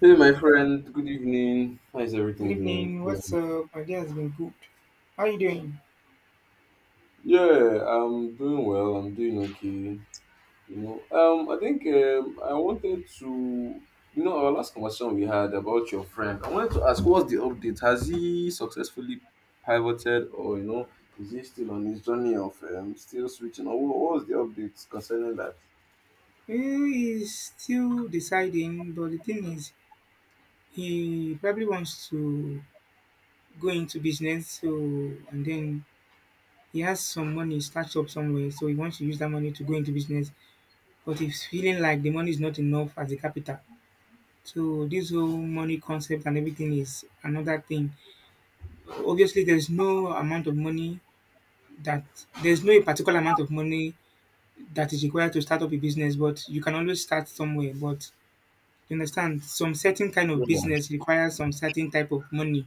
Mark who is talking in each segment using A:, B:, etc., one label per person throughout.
A: Hey, my friend. Good evening. How is
B: Good
A: everything doing?
B: evening. What's
A: Going?
B: up? My day has been good. How you doing?
A: Yeah, I'm doing well. I'm doing okay. I think I wanted to, our last conversation we had about your friend. I wanted to ask, what's the update? Has he successfully pivoted, or is he still on his journey of still switching, or what was the update concerning that?
B: He is still deciding, but the thing is, he probably wants to go into business. So and then he has some money stashed up somewhere, so he wants to use that money to go into business. But he's feeling like the money is not enough as a capital. So this whole money concept and everything is another thing. Obviously, that there's no particular amount of money that is required to start up a business, but you can always start somewhere. But you understand, some certain kind of business requires some certain type of money.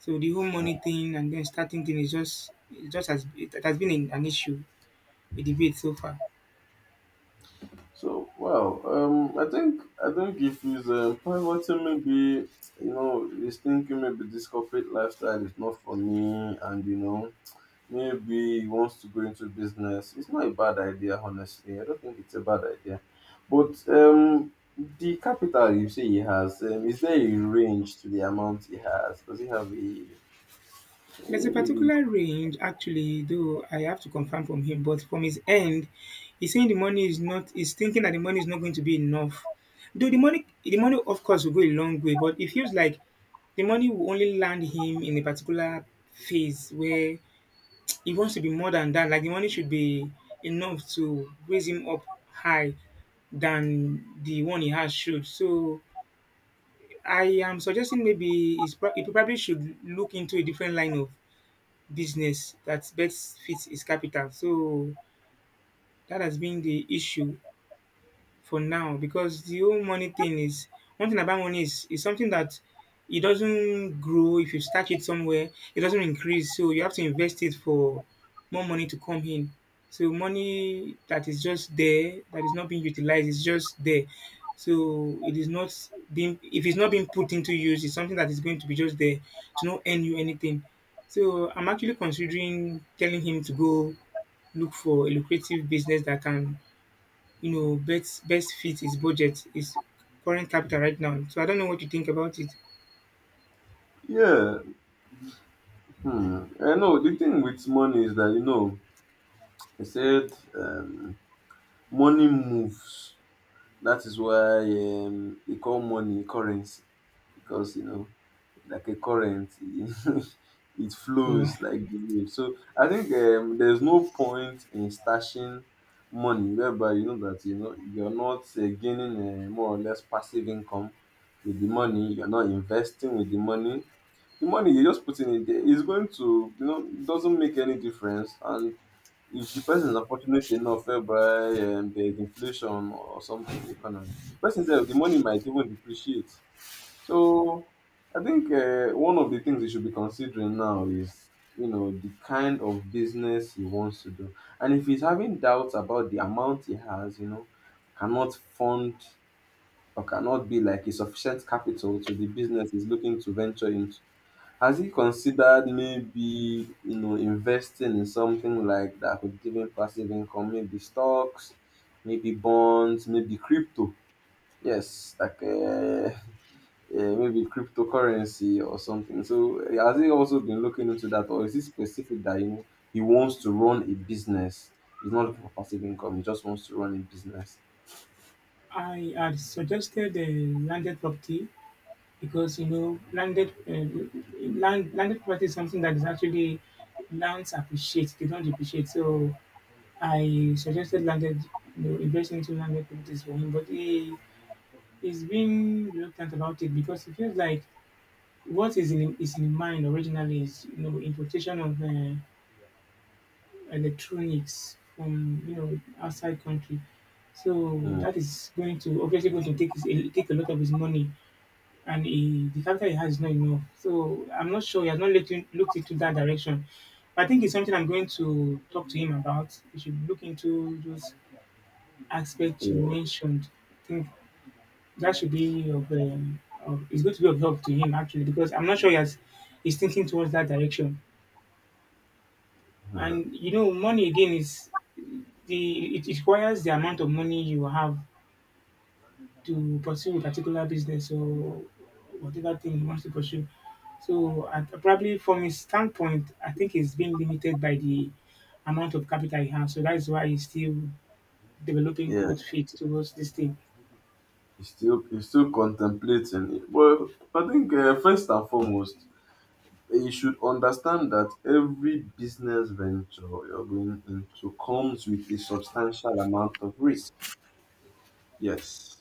B: So the whole money thing and then starting thing is just it has been an issue, a debate so far.
A: So wow, I think if he's pivoting, maybe you know he's thinking maybe this corporate lifestyle is not for me, and you know maybe he wants to go into business. It's not a bad idea, honestly. I don't think it's a bad idea, but the capital you say he has, is there a range to the amount he has? Does he have
B: There's a
A: a maybe?
B: particular range actually, though I have to confirm from him, but from his end, he's saying the money is not he's thinking that the money is not going to be enough. Though the money of course will go a long way, but it feels like the money will only land him in a particular phase where he wants to be more than that. Like the money should be enough to raise him up high than the one he has should. So I am suggesting maybe he probably should look into a different line of business that best fits his capital. So that has been the issue for now, because the whole money thing is one thing about money is something that it doesn't grow if you stack it somewhere. It doesn't increase, so you have to invest it for more money to come in. So money that is just there, that is not being utilized, is just there. So it is not being if it's not being put into use, it's something that is going to be just there to not earn you anything. So I'm actually considering telling him to go look for a lucrative business that can, best fit his budget, his current capital right now. So I don't know what you think about it.
A: Yeah. Hmm. I know the thing with money is that you know. I said. Money moves. That is why they call money currency because you know, like a current, it
B: You know,
A: flows like the wind. So I think there's no point in stashing money whereby you know that you know you're not gaining more or less passive income with the money. You're not investing with the money. The money you're just putting in there is going to, you know, it doesn't make any difference. And if the person is unfortunate enough whereby there's inflation or something in the economy, the person said the money might even depreciate. So I think one of the things you should be considering now is, you know, the kind of business he wants to do. And if he's having doubts about the amount he has, you know, cannot fund or cannot be like a sufficient capital to the business he's looking to venture into, has he considered maybe, you know, investing in something like that could give him passive income? Maybe stocks, maybe bonds, maybe crypto. Yes, like yeah, maybe cryptocurrency or something. So has he also been looking into that, or is it specific that you know he wants to run a business? He's not looking for passive income. He just wants to run a business.
B: I had suggested a landed property because landed, landed property is something that is actually lands appreciate, they don't depreciate. So I suggested landed, investing into landed properties for him, but he is being reluctant about it because he feels like what is in mind originally is, importation of electronics from, outside country. So
A: Hmm.
B: that is going to obviously going to take his take a lot of his money, and he, the capital he has is not enough. So I'm not sure he has not looked into that direction. I think it's something I'm going to talk to him about. We should look into those aspects you
A: Yeah,
B: mentioned. I think that should be of, it's going to be of help to him actually, because I'm not sure he's thinking towards that direction. And money again is the it requires the amount of money you have to pursue a particular business or whatever thing you want to pursue. So I, probably from his standpoint, I think he's being limited by the amount of capital he has, so that is why he's still developing
A: yeah.
B: code fit towards this thing.
A: He's still contemplating it. Well, I think first and foremost you should understand that every business venture you're going into comes with a substantial amount of risk. Yes.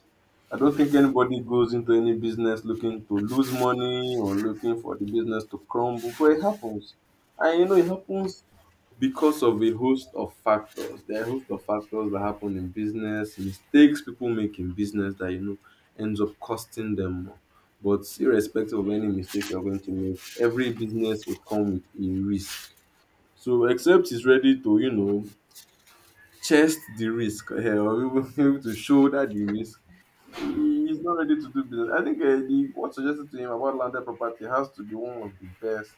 A: I don't think anybody goes into any business looking to lose money or looking for the business to crumble, but it happens. And you know, it happens because of a host of factors. There are a host of factors that happen in business, mistakes people make in business that you know ends up costing them more. But irrespective of any mistake you're going to make, every business would come with a risk. So except he's ready to, you know, chest the risk or even able to shoulder the risk, he's not ready to do business. I think the, what suggested to him about landed property has to be one of the best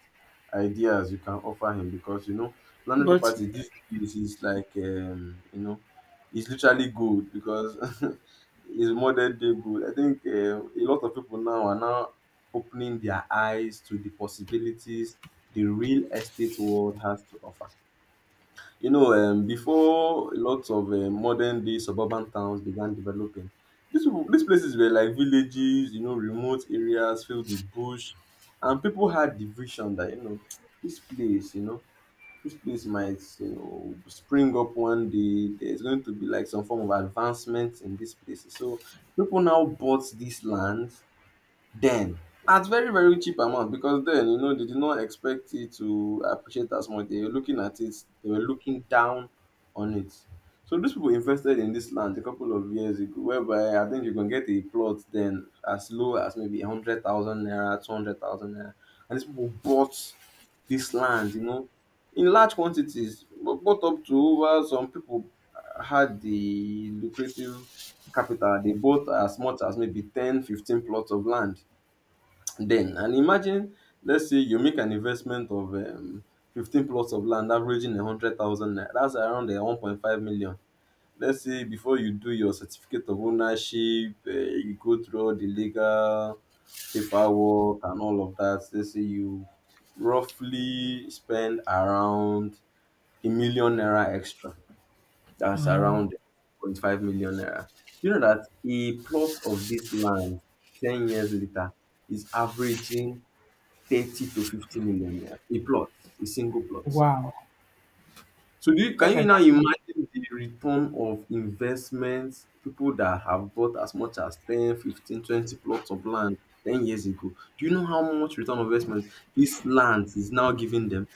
A: ideas you can offer him because you know landed
B: But
A: property these days is like you know it's literally gold because it's modern day gold. I think a lot of people now are now opening their eyes to the possibilities the real estate world has to offer. You know, before lots of modern day suburban towns began developing, these people, these places were like villages, you know, remote areas filled with bush, and people had the vision that you know, this place, you know, this place might, you know, spring up one day. There's going to be like some form of advancement in these places. So people now bought these lands then at very very cheap amount because then you know they did not expect it to appreciate as much. They were looking at it, they were looking down on it. So these people invested in this land a couple of years ago whereby I think you can get a plot then as low as maybe 100,000 naira, 200,000 naira. And these people bought this land, you know, in large quantities, bought up to over some people had the lucrative capital. They bought as much as maybe 10, 15 plots of land then. And imagine, let's say you make an investment of 15 plots of land averaging a 100,000 naira. That's around 1.5 million. Let's say before you do your certificate of ownership, you go through all the legal paperwork and all of that. Let's say you roughly spend around a million naira extra. That's
B: wow.
A: around point 0.5 million naira. You know that a plot of this land 10 years later is averaging 30 to 50 million naira. A plot, a single plot.
B: Wow,
A: So do you,
B: that's
A: can
B: the
A: you now
B: advantage
A: imagine the return of investments, people that have bought as much as 10, 15, 20 plots of land 10 years ago? Do you know how much return on investment this land is now giving them?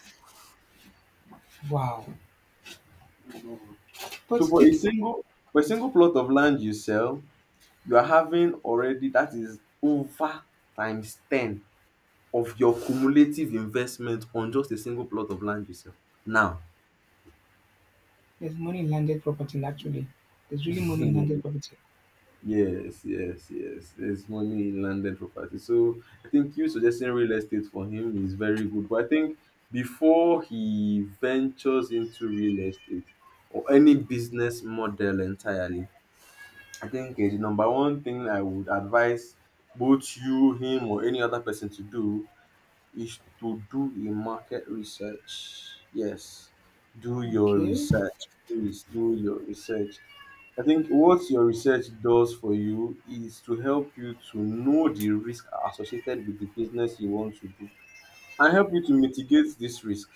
B: of. Wow.
A: So
B: but
A: for a
B: it,
A: single for a single plot of land you sell, you are having already that is over times 10 of your cumulative investment on just a single plot of land you sell. Now
B: there's money in landed property actually. There's really money in landed property.
A: Yes, yes, yes. There's money in landed property. So I think you suggesting real estate for him is very good. But I think before he ventures into real estate or any business model entirely, I think the number one thing I would advise both you, him, or any other person to do is to do a market research. Yes, do your
B: Okay.
A: research. Please do your research. I think what your research does for you is to help you to know the risk associated with the business you want to do and help you to mitigate this risk.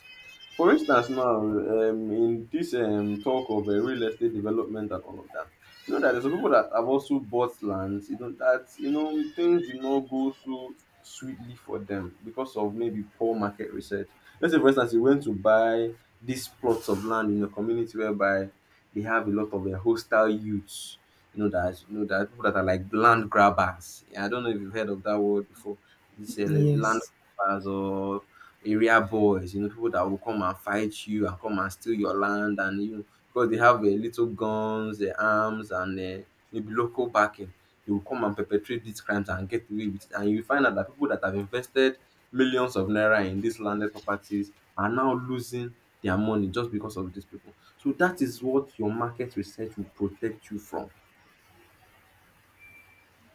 A: For instance, now in this talk of real estate development and all of that, you know that there's some people that have also bought lands. You know that you know things did not go so sweetly for them because of maybe poor market research. Let's say, for instance, you went to buy these plots of land in a community whereby they have a lot of hostile youths. You know that people that are like land grabbers. Yeah, I don't know if you've heard of that word before. It's a land
B: Yes.
A: as or area boys, you know, people that will come and fight you and come and steal your land. And you know, because they have little guns, arms and maybe local backing, they will come and perpetrate these crimes and get away with it. And you find out that people that have invested millions of naira in these landed properties are now losing their money just because of these people. So that is what your market research will protect you from.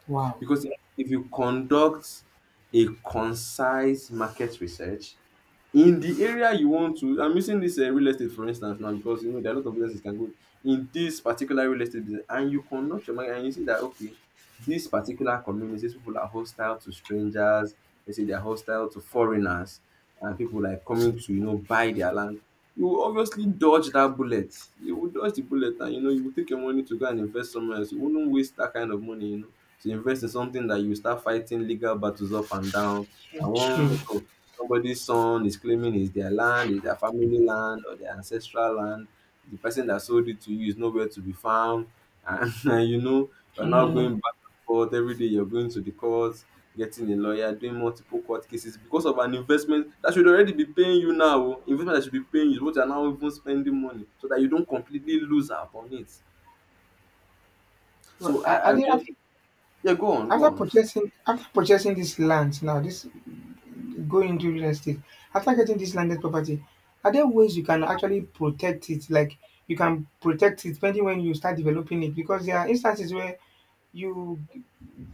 B: Wow.
A: Because if you conduct a concise market research, in the area you want to, I'm using this real estate for instance now because you know there are a lot of businesses can go in this particular real estate business. And you conduct your market and you see that okay, this particular community, these people are hostile to strangers. They say they're hostile to foreigners and people like coming to you know buy their land. You will obviously dodge that bullet. You will dodge the bullet and you know you will take your money to go and invest somewhere else. You wouldn't waste that kind of money, you know, to invest in something that you start fighting legal battles up and down. I
B: True.
A: want somebody's son is claiming it's their land, it's their family land or their ancestral land. The person that sold it to you is nowhere to be found, and, and you know you're now
B: Mhm.
A: going back and forth every day. You're going to the courts, getting a lawyer, doing multiple court cases because of an investment that should already be paying you now. Oh. Investment that should be paying you, what you're now even spending money so that you don't completely lose out on it.
B: Well,
A: So
B: I,
A: I,
B: I
A: I
B: did
A: just
B: after,
A: yeah, go on, go
B: after
A: on.
B: purchasing after purchasing this land now, this going into real estate, after getting this landed property, are there ways you can actually protect it? Like, you can protect it depending when you start developing it, because there are instances where you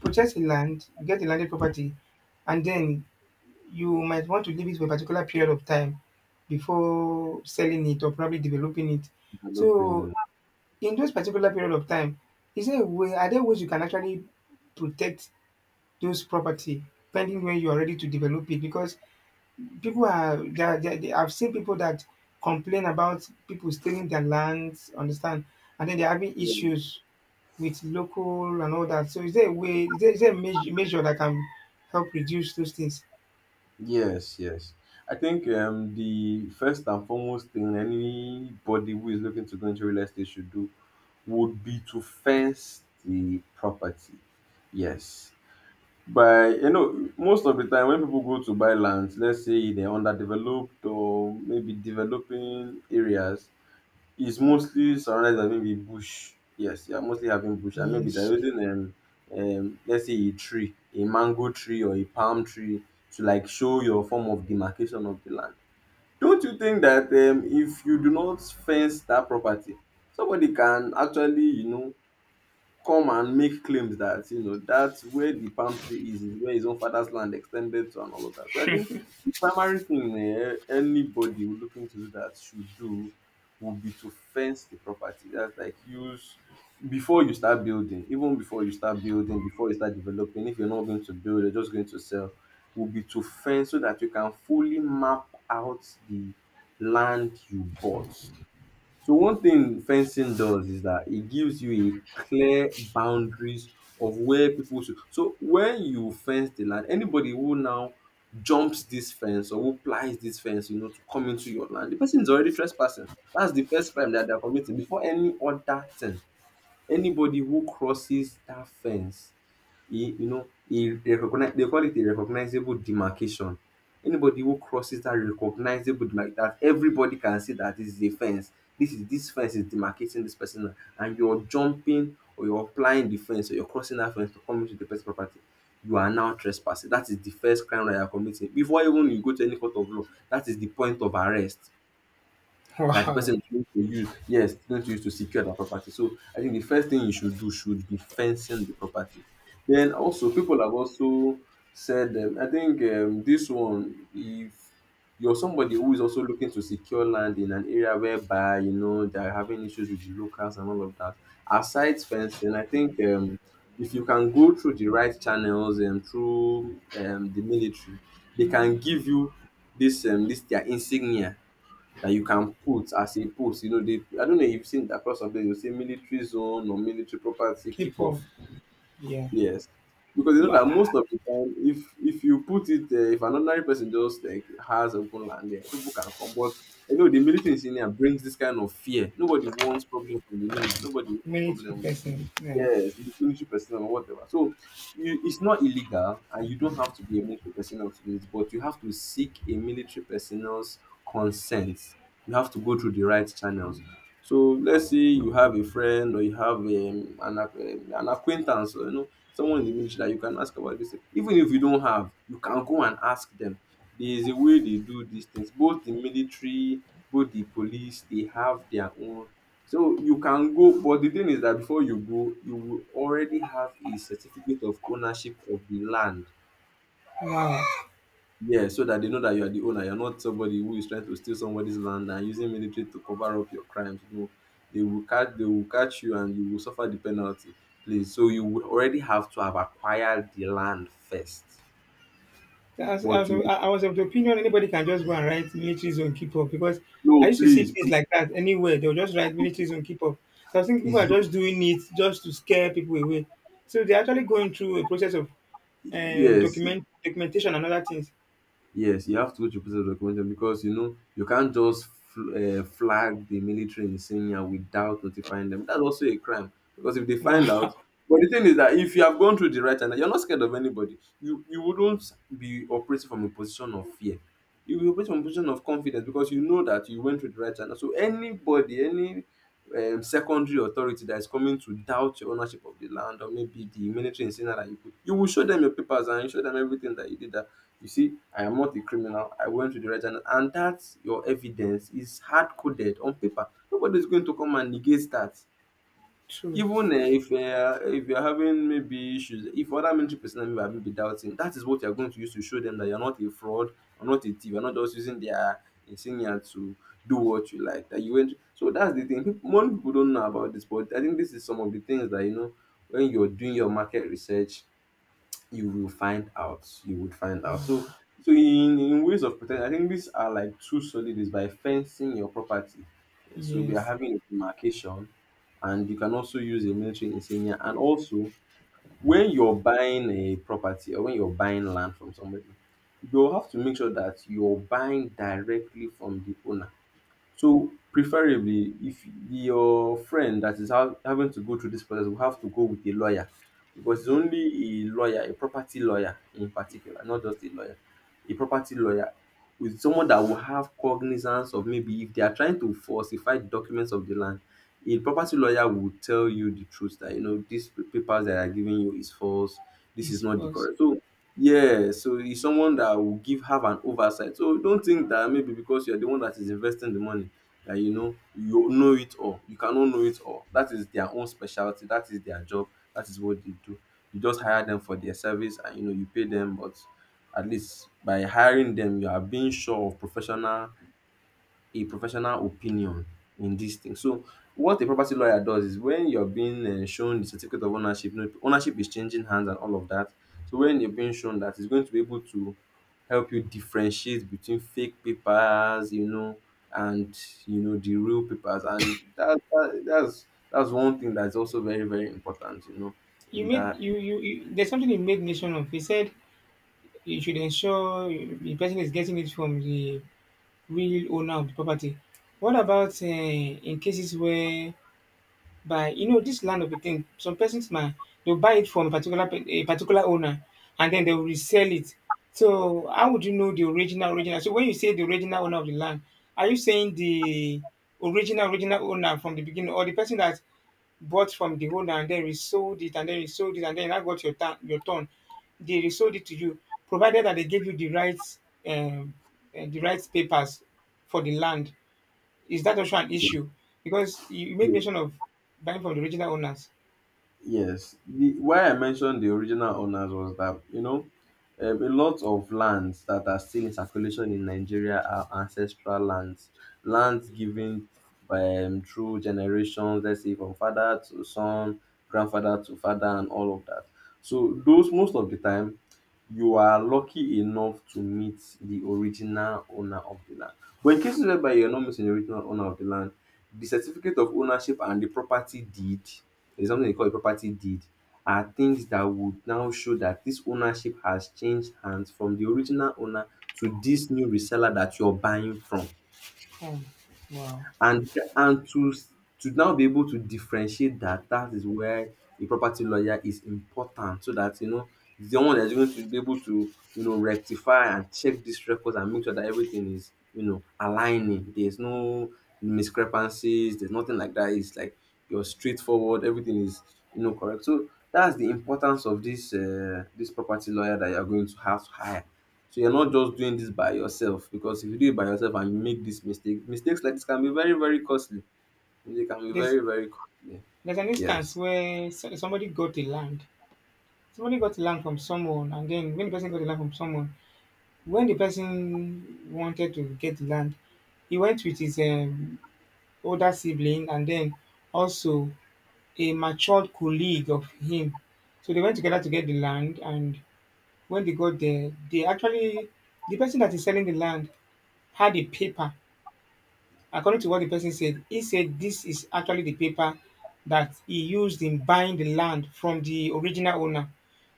B: purchase a land, you get a landed property, and then you might want to leave it for a particular period of time before selling it or probably developing it. So
A: Developing.
B: in those particular period of time, is there a way? Are there ways you can actually protect those property pending when you are ready to develop it? Because people are they are, they are- they- I've seen people that complain about people stealing their lands, understand, and then they're having issues with local and all that. So is there a way? Is there, a measure that can help reduce those things?
A: Yes, yes. I think the first and foremost thing anybody who is looking to go into real estate should do would be to fence the property. Yes. By, you know, most of the time when people go to buy lands, let's say they're underdeveloped or maybe developing areas, it's mostly surrounded by maybe bush. Yes, you are mostly having bush, and maybe they're
B: Yes.
A: using let's say a tree, a mango tree or a palm tree to like show your form of demarcation of the land. Don't you think that if you do not fence that property, somebody can actually, you know, come and make claims that you know that's where the palm tree is where his own father's land extended to and all of that? So I think the primary thing anybody looking to do that should do would be to fence the property. That's like use before you start building. Even before you start building, before you start developing, if you're not going to build, you're just going to sell, would be to fence so that you can fully map out the land you bought. So one thing fencing does is that it gives you a clear boundaries of where people should. So when you fence the land, anybody who now jumps this fence or who plies this fence, you know, to come into your land, the person is already trespassing. That's the first crime that they're committing before any other thing. Anybody who crosses that fence, a you know, a recognize, they call it a recognizable demarcation. Anybody who crosses that recognizable demarc, that everybody can see that this is a fence. This is, this fence is demarcating this person and you're jumping or you're applying the fence or you're crossing that fence to come into the person's property. You are now trespassing. That is the first crime that you are committing. Before even you go to any court of law, that is the point of arrest that the person
B: Wow.
A: is going to use, yes, going to use to secure their property. So I think the first thing you should do should be fencing the property. Then also people have also said, I think this one, if you're somebody who is also looking to secure land in an area whereby you know they're having issues with the locals and all of that, aside fencing, I think if you can go through the right channels and through the military, they can give you this this their insignia that you can put as a post. You know, they, I don't know if you've seen across some places, you say military zone or military property, keep
B: Keep up.
A: off.
B: Yeah.
A: Yes. Because you know that
B: Ma-
A: most of the time, if you put it, if an ordinary person just like has open land there, people can come. But you know, the military in Senior brings this kind of fear. Nobody wants problems with the military. Nobody wants
B: Many
A: problems.
B: person. Yeah.
A: Yes, to be clinician personnel or whatever. So you, it's not illegal, and you don't have to be a military personnel to do it, but you have to seek a military personnel's consent. You have to go through the right channels. So let's say you have a friend or you have an, ac- an acquaintance, or, you know, someone in the military that you can ask about this thing. Even if you don't have, you can go and ask them. There is a way they do these things. Both the military, both the police, they have their own, so you can go. But the thing is that before you go, you will already have a certificate of ownership of the land.
B: Wow.
A: Yeah, so that they know that you are the owner. You're not somebody who is trying to steal somebody's land and using military to cover up your crimes. No, they will catch you and you will suffer the penalty. Please. So you would already have to have acquired the land first. But
B: As,
A: you
B: I was of the opinion anybody can just go and write military zone keep up, because I
A: no,
B: used to see
A: please.
B: things like that anywhere. They'll just write military zone keep up. So I think people are just doing it just to scare people away. So they're actually going through a process of
A: Yes.
B: documentation and other things.
A: Yes, you have to watch a piece of documentary because you know you can't just fl- flag the military in without notifying them. That's also a crime, because if they find out,
B: Wow,
A: but the thing is that if you have gone through the right and you're not scared of anybody, you wouldn't be operating from a position of fear. You will operate from a position of confidence because you know that you went through the right channel. So anybody, any secondary authority that is coming to doubt your ownership of the land or maybe the military in that you put, you will show them your papers and you show them everything that you did. You see, I am not a criminal. I went to the right channel. And that your evidence is hard coded on paper. Nobody's going to come and negate that.
B: true.
A: Even if you're having maybe issues, if other military personnel may have maybe doubting, that is what you're going to use to show them that you're not a fraud, you're not a thief, you're not just using their insignia to do what you like. That you went. So that's the thing. People, most people don't know about this, but I think this is some of the things that you know when you're doing your market research you will find out. You would find out.
B: Wow.
A: So, so in ways of protection, I think these are like two solid ways, by fencing your property. Yeah, so we are
B: Yes,
A: having a demarcation, and you can also use a military insignia. And also, when you're buying a property or when you're buying land from somebody, you'll have to make sure that you're buying directly from the owner. So preferably, if your friend that is ha- having to go through this process will have to go with a lawyer, because it's only a lawyer, a property lawyer in particular, not just a lawyer, a property lawyer, with someone that will have cognizance of maybe if they are trying to falsify the documents of the land, a property lawyer will tell you the truth that you know these papers that are giving you is false. This is
B: it's
A: not the
B: false.
A: correct. So yeah, so he's someone that will give have an oversight. So don't think that maybe because you're the one that is investing the money that you know it all. You cannot know it all. That is their own specialty. That is their job. That is what they do. You just hire them for their service and you know you pay them, but at least by hiring them, you are being sure of professional, a professional opinion in this thing. So what a property lawyer does is when you're being shown the certificate of ownership, you know, ownership is changing hands and all of that. So when you're being shown that, it's going to be able to help you differentiate between fake papers, you know, and you know the real papers, and that's one thing that's also very, very important, you know, in
B: You made
A: that.
B: you,
A: In,
B: you you. There's something you made mention of. He said you should ensure the person is getting it from the real owner of the property. What about in cases where by this land of a thing, some persons might they'll buy it from a particular a particular owner and then they'll resell it. So how would you know the original original? So when you say the original owner of the land, are you saying the original original owner from the beginning, or the person that bought from the owner and then resold it and then resold it, and then I got your turn, your turn. They resold it to you, provided that they gave you the rights, um, papers for the land. Is that also an issue? Because you made mention of buying from the original owners.
A: yes, the why I mentioned the original owners was that you know a lot of lands that are still in circulation in Nigeria are ancestral lands, lands given through generations. Let's say from father to son, grandfather to father, and all of that. So those, most of the time you are lucky enough to meet the original owner of the land. But in cases whereby you're not meeting the original owner of the land, the certificate of ownership and the property deed, there's something they call a property deed, are things that would now show that this ownership has changed hands from the original owner to this new reseller that you're buying from.
B: Oh, wow.
A: And and to now be able to differentiate that, that is where a property lawyer is important, so that you know he's the one that's going to be able to you know rectify and check these records and make sure that everything is you know aligning. There's no discrepancies. There's nothing like that. It's like you're straightforward. Everything is you know correct. So that's the importance of this this property lawyer that you're going to have to hire. So you're not just doing this by yourself, because if you do it by yourself and you make this mistake, mistakes like this can be very, very costly. They can be
B: There's
A: very, very costly.
B: there's an instance
A: Yes.
B: where somebody got the land. Somebody got the land from someone, and then when the person got the land from someone, when the person wanted to get the land, he went with his older sibling and then also a matured colleague of him. So they went together to get the land, and when they got there, the person that is selling the land had a paper. According to what the person said, he said this is actually the paper that he used in buying the land from the original owner.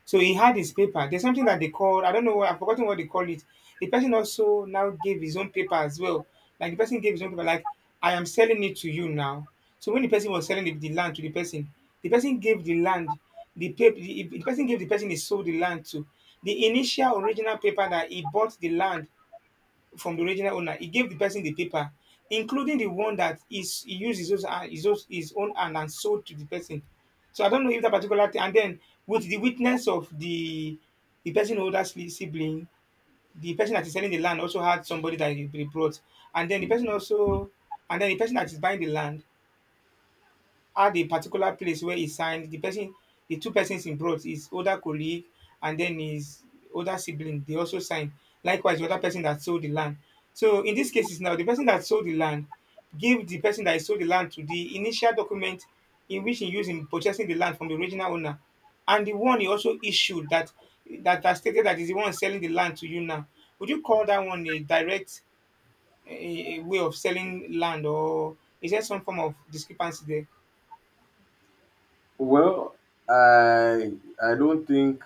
B: So he had his paper. There's something that they call, I don't know, I've forgotten what they call it. The person also now gave his own paper as well. Like, the person gave his own paper, like, I am selling it to you now. So when the person was selling the land to the person gave the land, the paper, the person gave the person he sold the land to. The initial original paper that he bought the land from the original owner, he gave the person the paper, including the one that is he used his own hand and sold to the person. So I don't know if that particular thing. And then with the witness of the person, who older sibling, the person that is selling the land also had somebody that he brought, and then the person also, and then the person that is buying the land, at the particular place where he signed, the person, the two persons involved, his older colleague and then his older sibling, they also signed. Likewise, the other person that sold the land. So in these cases now, the person that sold the land gave the person that sold the land to the initial document in which he used in purchasing the land from the original owner, and the one he also issued, that stated that is the one selling the land to you now. Would you call that one a direct way of selling land, or is there some form of discrepancy there?
A: Well, I I don't think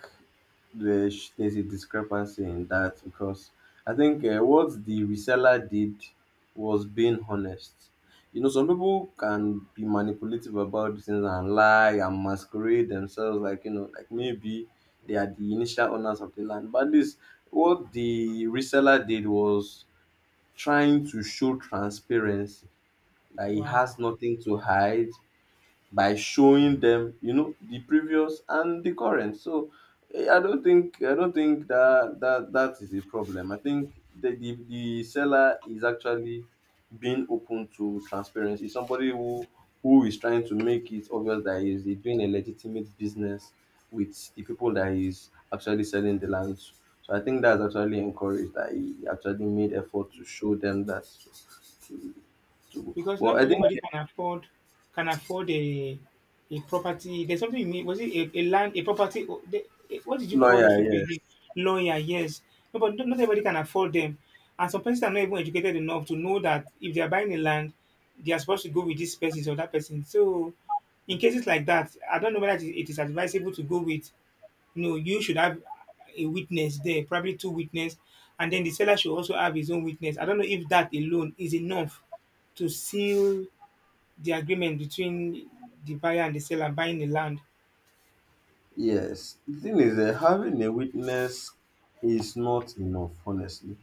A: there's a discrepancy in that, because I think what the reseller did was being honest. You know, some people can be manipulative about these things and lie and masquerade themselves like you know, like maybe they are the initial owners of the land. But this, what the reseller did was trying to show transparency, that he has
B: Wow.
A: nothing to hide by showing them, you know, the previous and the current. So I don't think that that is a problem. I think the seller is actually being open to transparency. Somebody who is trying to make it obvious that he's doing a legitimate business with the people that he's actually selling the land to. So I think that's actually encouraged, that he actually made effort to show them that too.
B: Because
A: But
B: not
A: I think
B: everybody can afford a property. There's something you mean, was it a land, a property? What did you call
A: lawyer,
B: those people
A: yeah.
B: again? Lawyer, yes. No, but not everybody can afford them, and some persons are not even educated enough to know that if they are buying a land, they are supposed to go with this person or that person. So, in cases like that, I don't know whether it is advisable to go with. No, you should have a witness there, probably two witness, and then the seller should also have his own witness. I don't know if that alone is enough to seal the agreement between the buyer and the seller buying the land.
A: Yes, the thing is that having a witness is not enough, honestly.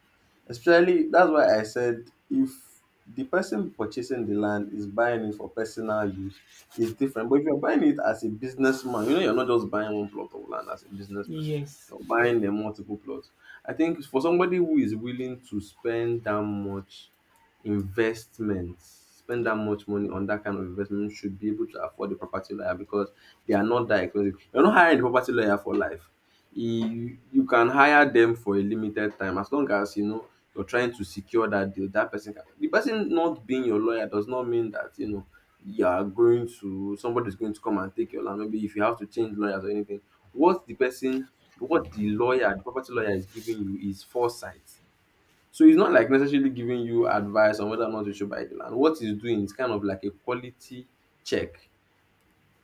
A: Especially that's why I said if the person purchasing the land is buying it for personal use, it's different. But if you're buying it as a businessman, you know you're not just buying one plot of land as a business person.
B: Yes.
A: You're buying a multiple plots. I think for somebody who is willing to spend that much investments spend that much money on that kind of investment should be able to afford the property lawyer because they are not that expensive. You're not hiring a property lawyer for life. You can hire them for a limited time as long as you know you're trying to secure that deal. That person can The person not being your lawyer does not mean that you know you are going to somebody's going to come and take your land. Maybe if you have to change lawyers or anything, what the person what the lawyer, the property lawyer is giving you is foresight, so it's not like necessarily giving you advice on whether or not you should buy the land. What it's doing is kind of like a quality check.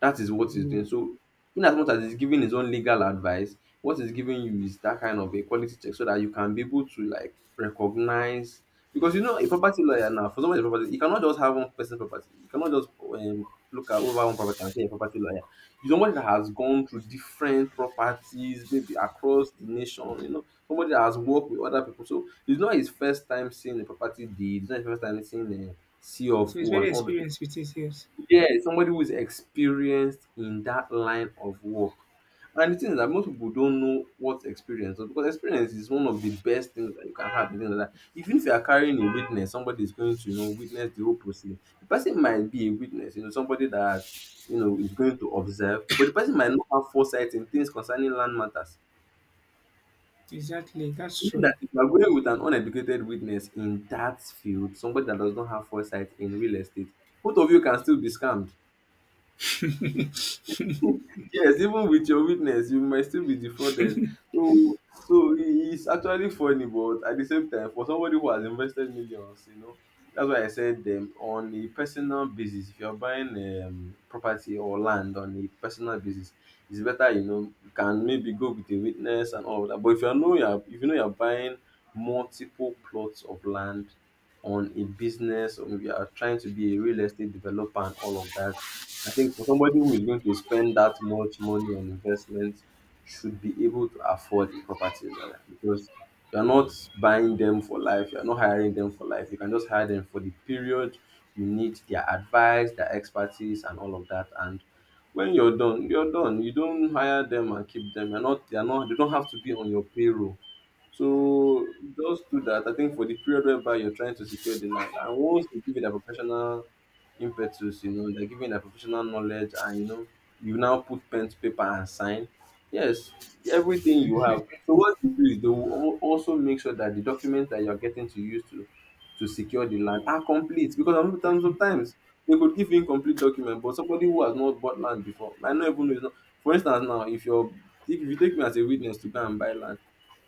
A: That is what he's doing.
B: Mm.
A: So in as much as he's giving his own legal advice, what he's giving you is that kind of a quality check so that you can be able to like recognize, because you know a property lawyer, now for somebody property you cannot just have one person property you cannot just look at over one property and say a property lawyer, you somebody that has gone through different properties maybe across the nation, you know somebody that has worked with other people, so it's not his first time seeing a property deed, it's not his first time seeing a C of
B: So it's
A: O
B: very
A: and all those.
B: experienced with it, yes.
A: Yeah, somebody who is experienced in that line of work. And the thing is that most people don't know what experience is, because experience is one of the best things that you can have in things like that. Even if you are carrying a witness, somebody is going to, you know, witness the whole proceeding. The person might be a witness, you know, somebody that you know is going to observe, but the person might not have foresight in things concerning land matters.
B: Exactly, that's
A: Meaning
B: true.
A: that if you are going with an uneducated witness in that field, somebody that does not have foresight in real estate, both of you can still be scammed. Yes, even with your witness, you might still be defrauded. So, so it's actually funny, but at the same time, for somebody who has invested millions, you know, that's why I said them on a personal basis, if you're buying property or land on a personal basis, it's better, you know, you can maybe go with a witness and all of that. But if you know you're buying multiple plots of land on a business, or maybe you are trying to be a real estate developer and all of that. I think for somebody who is going to spend that much money on investment should be able to afford a property lawyer, because you're not buying them for life, you're not hiring them for life. You can just hire them for the period you need their advice, their expertise, and all of that. And when you're done, you're done. You don't hire them and keep them. You're not, they're not, they don't have to be on your payroll. So just do that. I think for the period whereby you're trying to secure the land, and once they give you that professional impetus, you know, they're giving that professional knowledge, and you know, you now put pen to paper and sign. Yes, everything you have. So what they do is they will also make sure that the documents that you're getting to use to secure the land are complete, because sometimes they could give you incomplete document, but somebody who has not bought land before might not even know. It's not. For instance, now if you take me as a witness to go and buy land,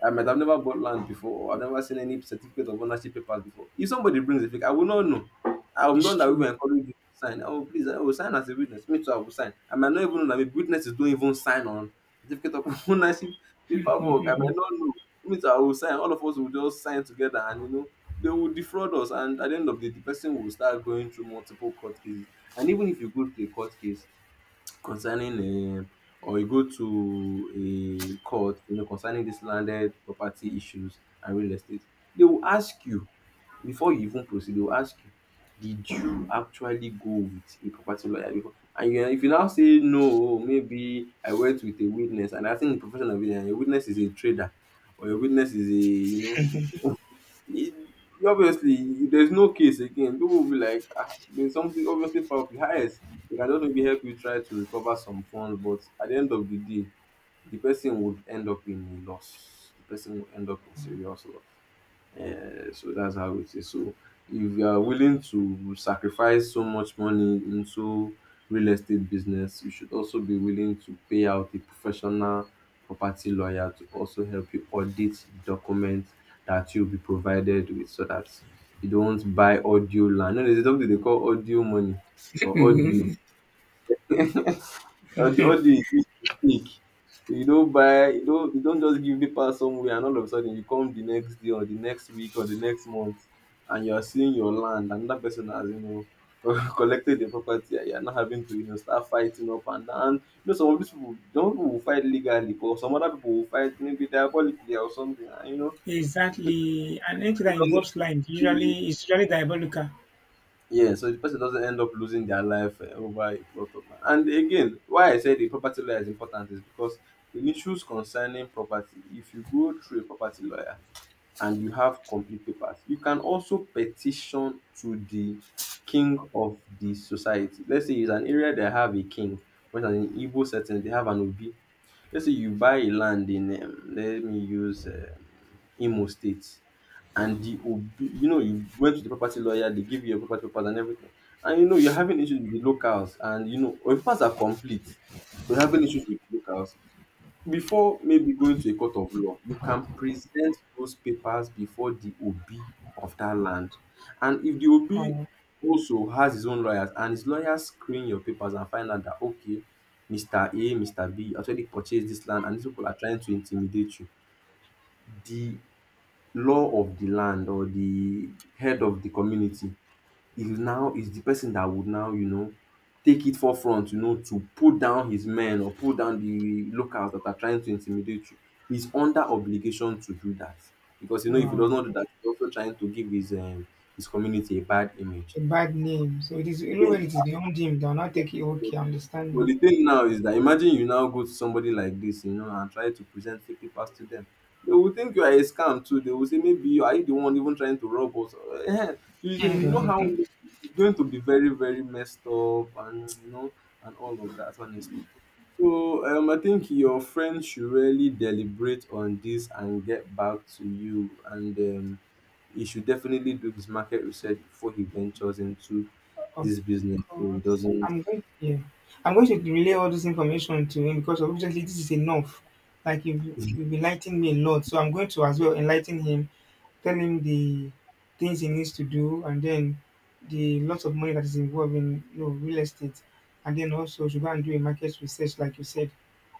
A: I might have never bought land before, or I've never seen any certificate of ownership papers before. If somebody brings a fake, I will not know. I will
B: It's
A: not that we
B: true.
A: encourage you to sign. Oh, please, I will sign as a witness. Me too, I will sign. I might not even know that maybe witnesses don't even sign on certificate of ownership paperwork. I might not know. Me too, I will sign. All of us will just sign together, and you know, they will defraud us. And at the end of the day, the person will start going through multiple court cases. And even if you go to a court case, concerning or you go to a court, you know, concerning this landed property issues and real estate, they will ask you, before you even proceed, they will ask you, did you actually go with a property lawyer before? And you if you now say no, maybe I went with a witness and I think the profession of it, and your witness is a trader or your witness is a, you know, it, obviously, if there's no case again, people will be like, ah, there's something obviously foul play. Yes, they can just maybe help you try to recover some funds, but at the end of the day, the person would end up in a loss. The person would end up in serious loss. Eh, so that's how it is. So if you are willing to sacrifice so much money into real estate business, you should also be willing to pay out a professional property lawyer to also help you audit the documents that you'll be provided with, so that you don't buy audio land. No, there's something they call audio money or audio. All the is fake. So you don't buy, you don't just give paper somewhere and all of a sudden you come the next day or the next week or the next month and you are seeing your land and that person has, you know, collected the property and you are not having to, you know, start fighting up and down. And you know, some of these people, some people will fight legally, but some other people will fight maybe diabolically or something. And you know, the
B: Exactly. And anything that
A: person
B: involves land
A: doesn't.
B: usually is usually diabolical.
A: Yeah, so the person doesn't end up losing their life over a plot of land. And again, why I say the property lawyer is important is because in issues concerning property, if you go through a property lawyer and you have complete papers, you can also petition to the king of the society. Let's say it's an area they have a king, for instance, in Igbo setting, they have an Obi. Let's say you buy a land in let me use Imo State, and you know you went to the property lawyer, they give you your property papers and everything, and you know you're having issues with the locals, and you know your papers are complete, but you're having issues with the locals. Before maybe going to a court of law, you can present those papers before the Obi of that land. And if the Obi
B: Oh,
A: also has his own lawyers and his lawyers screen your papers and find out that, okay, Mr. A, Mr. B actually purchased this land and these people are trying to intimidate you, the law of the land or the head of the community is the person that would now, you know, take it forefront, you know, to put down his men or put down the locals that are trying to intimidate you. He's under obligation to do that, because you know if he does
B: wow.
A: not do that he's also trying to give his community a bad image.
B: A bad name. So it is,
A: Yes,
B: when it is beyond him, they'll not
A: yes.
B: take it.
A: So,
B: Okay, I
A: but
B: understand
A: the thing now is that imagine you now go to somebody like this, you know, and try to present fake papers to them. They will think you are a scam too. They will say, maybe you are, you the one even trying to rob us. Eh, do you, you know how
B: now.
A: it's going to be very, very messed up, and, you know, and all of that, honestly. So I think your friend should really deliberate on this and get back to you. And he should definitely do his market research before he ventures into
B: Of
A: this business so he
B: course.
A: doesn't.
B: I'm going Yeah. I'm going to relay all this information to him, because obviously this is enough. Like, you've enlightened me a lot. So I'm going to as well enlighten him, tell him the things he needs to do, and then the lot of money that is involved in, real estate. And then also should go and do a market research like you said.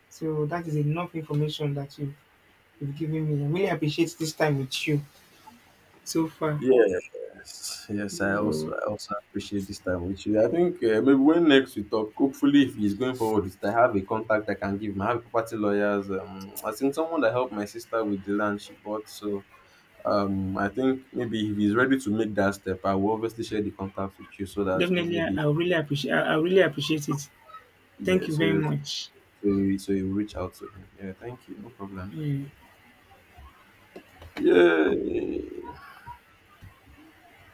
B: So that is enough information that you've given me. I really appreciate this time with you so far.
A: Yes, yes, I also
B: You
A: I also appreciate this time with you. I think maybe when next we talk, hopefully if he's going forward with it, I have a contact I can give him. I have a property lawyers. I think someone that helped my sister with the land she bought. So I think maybe if he's ready to make that step, I will obviously share the contact with you so that you know
B: definitely
A: maybe,
B: I really appreciate it. Thank
A: yeah.
B: you very
A: So
B: much.
A: so you so you reach out to him. Yeah, thank you. No problem.
B: Mm.
A: Yeah.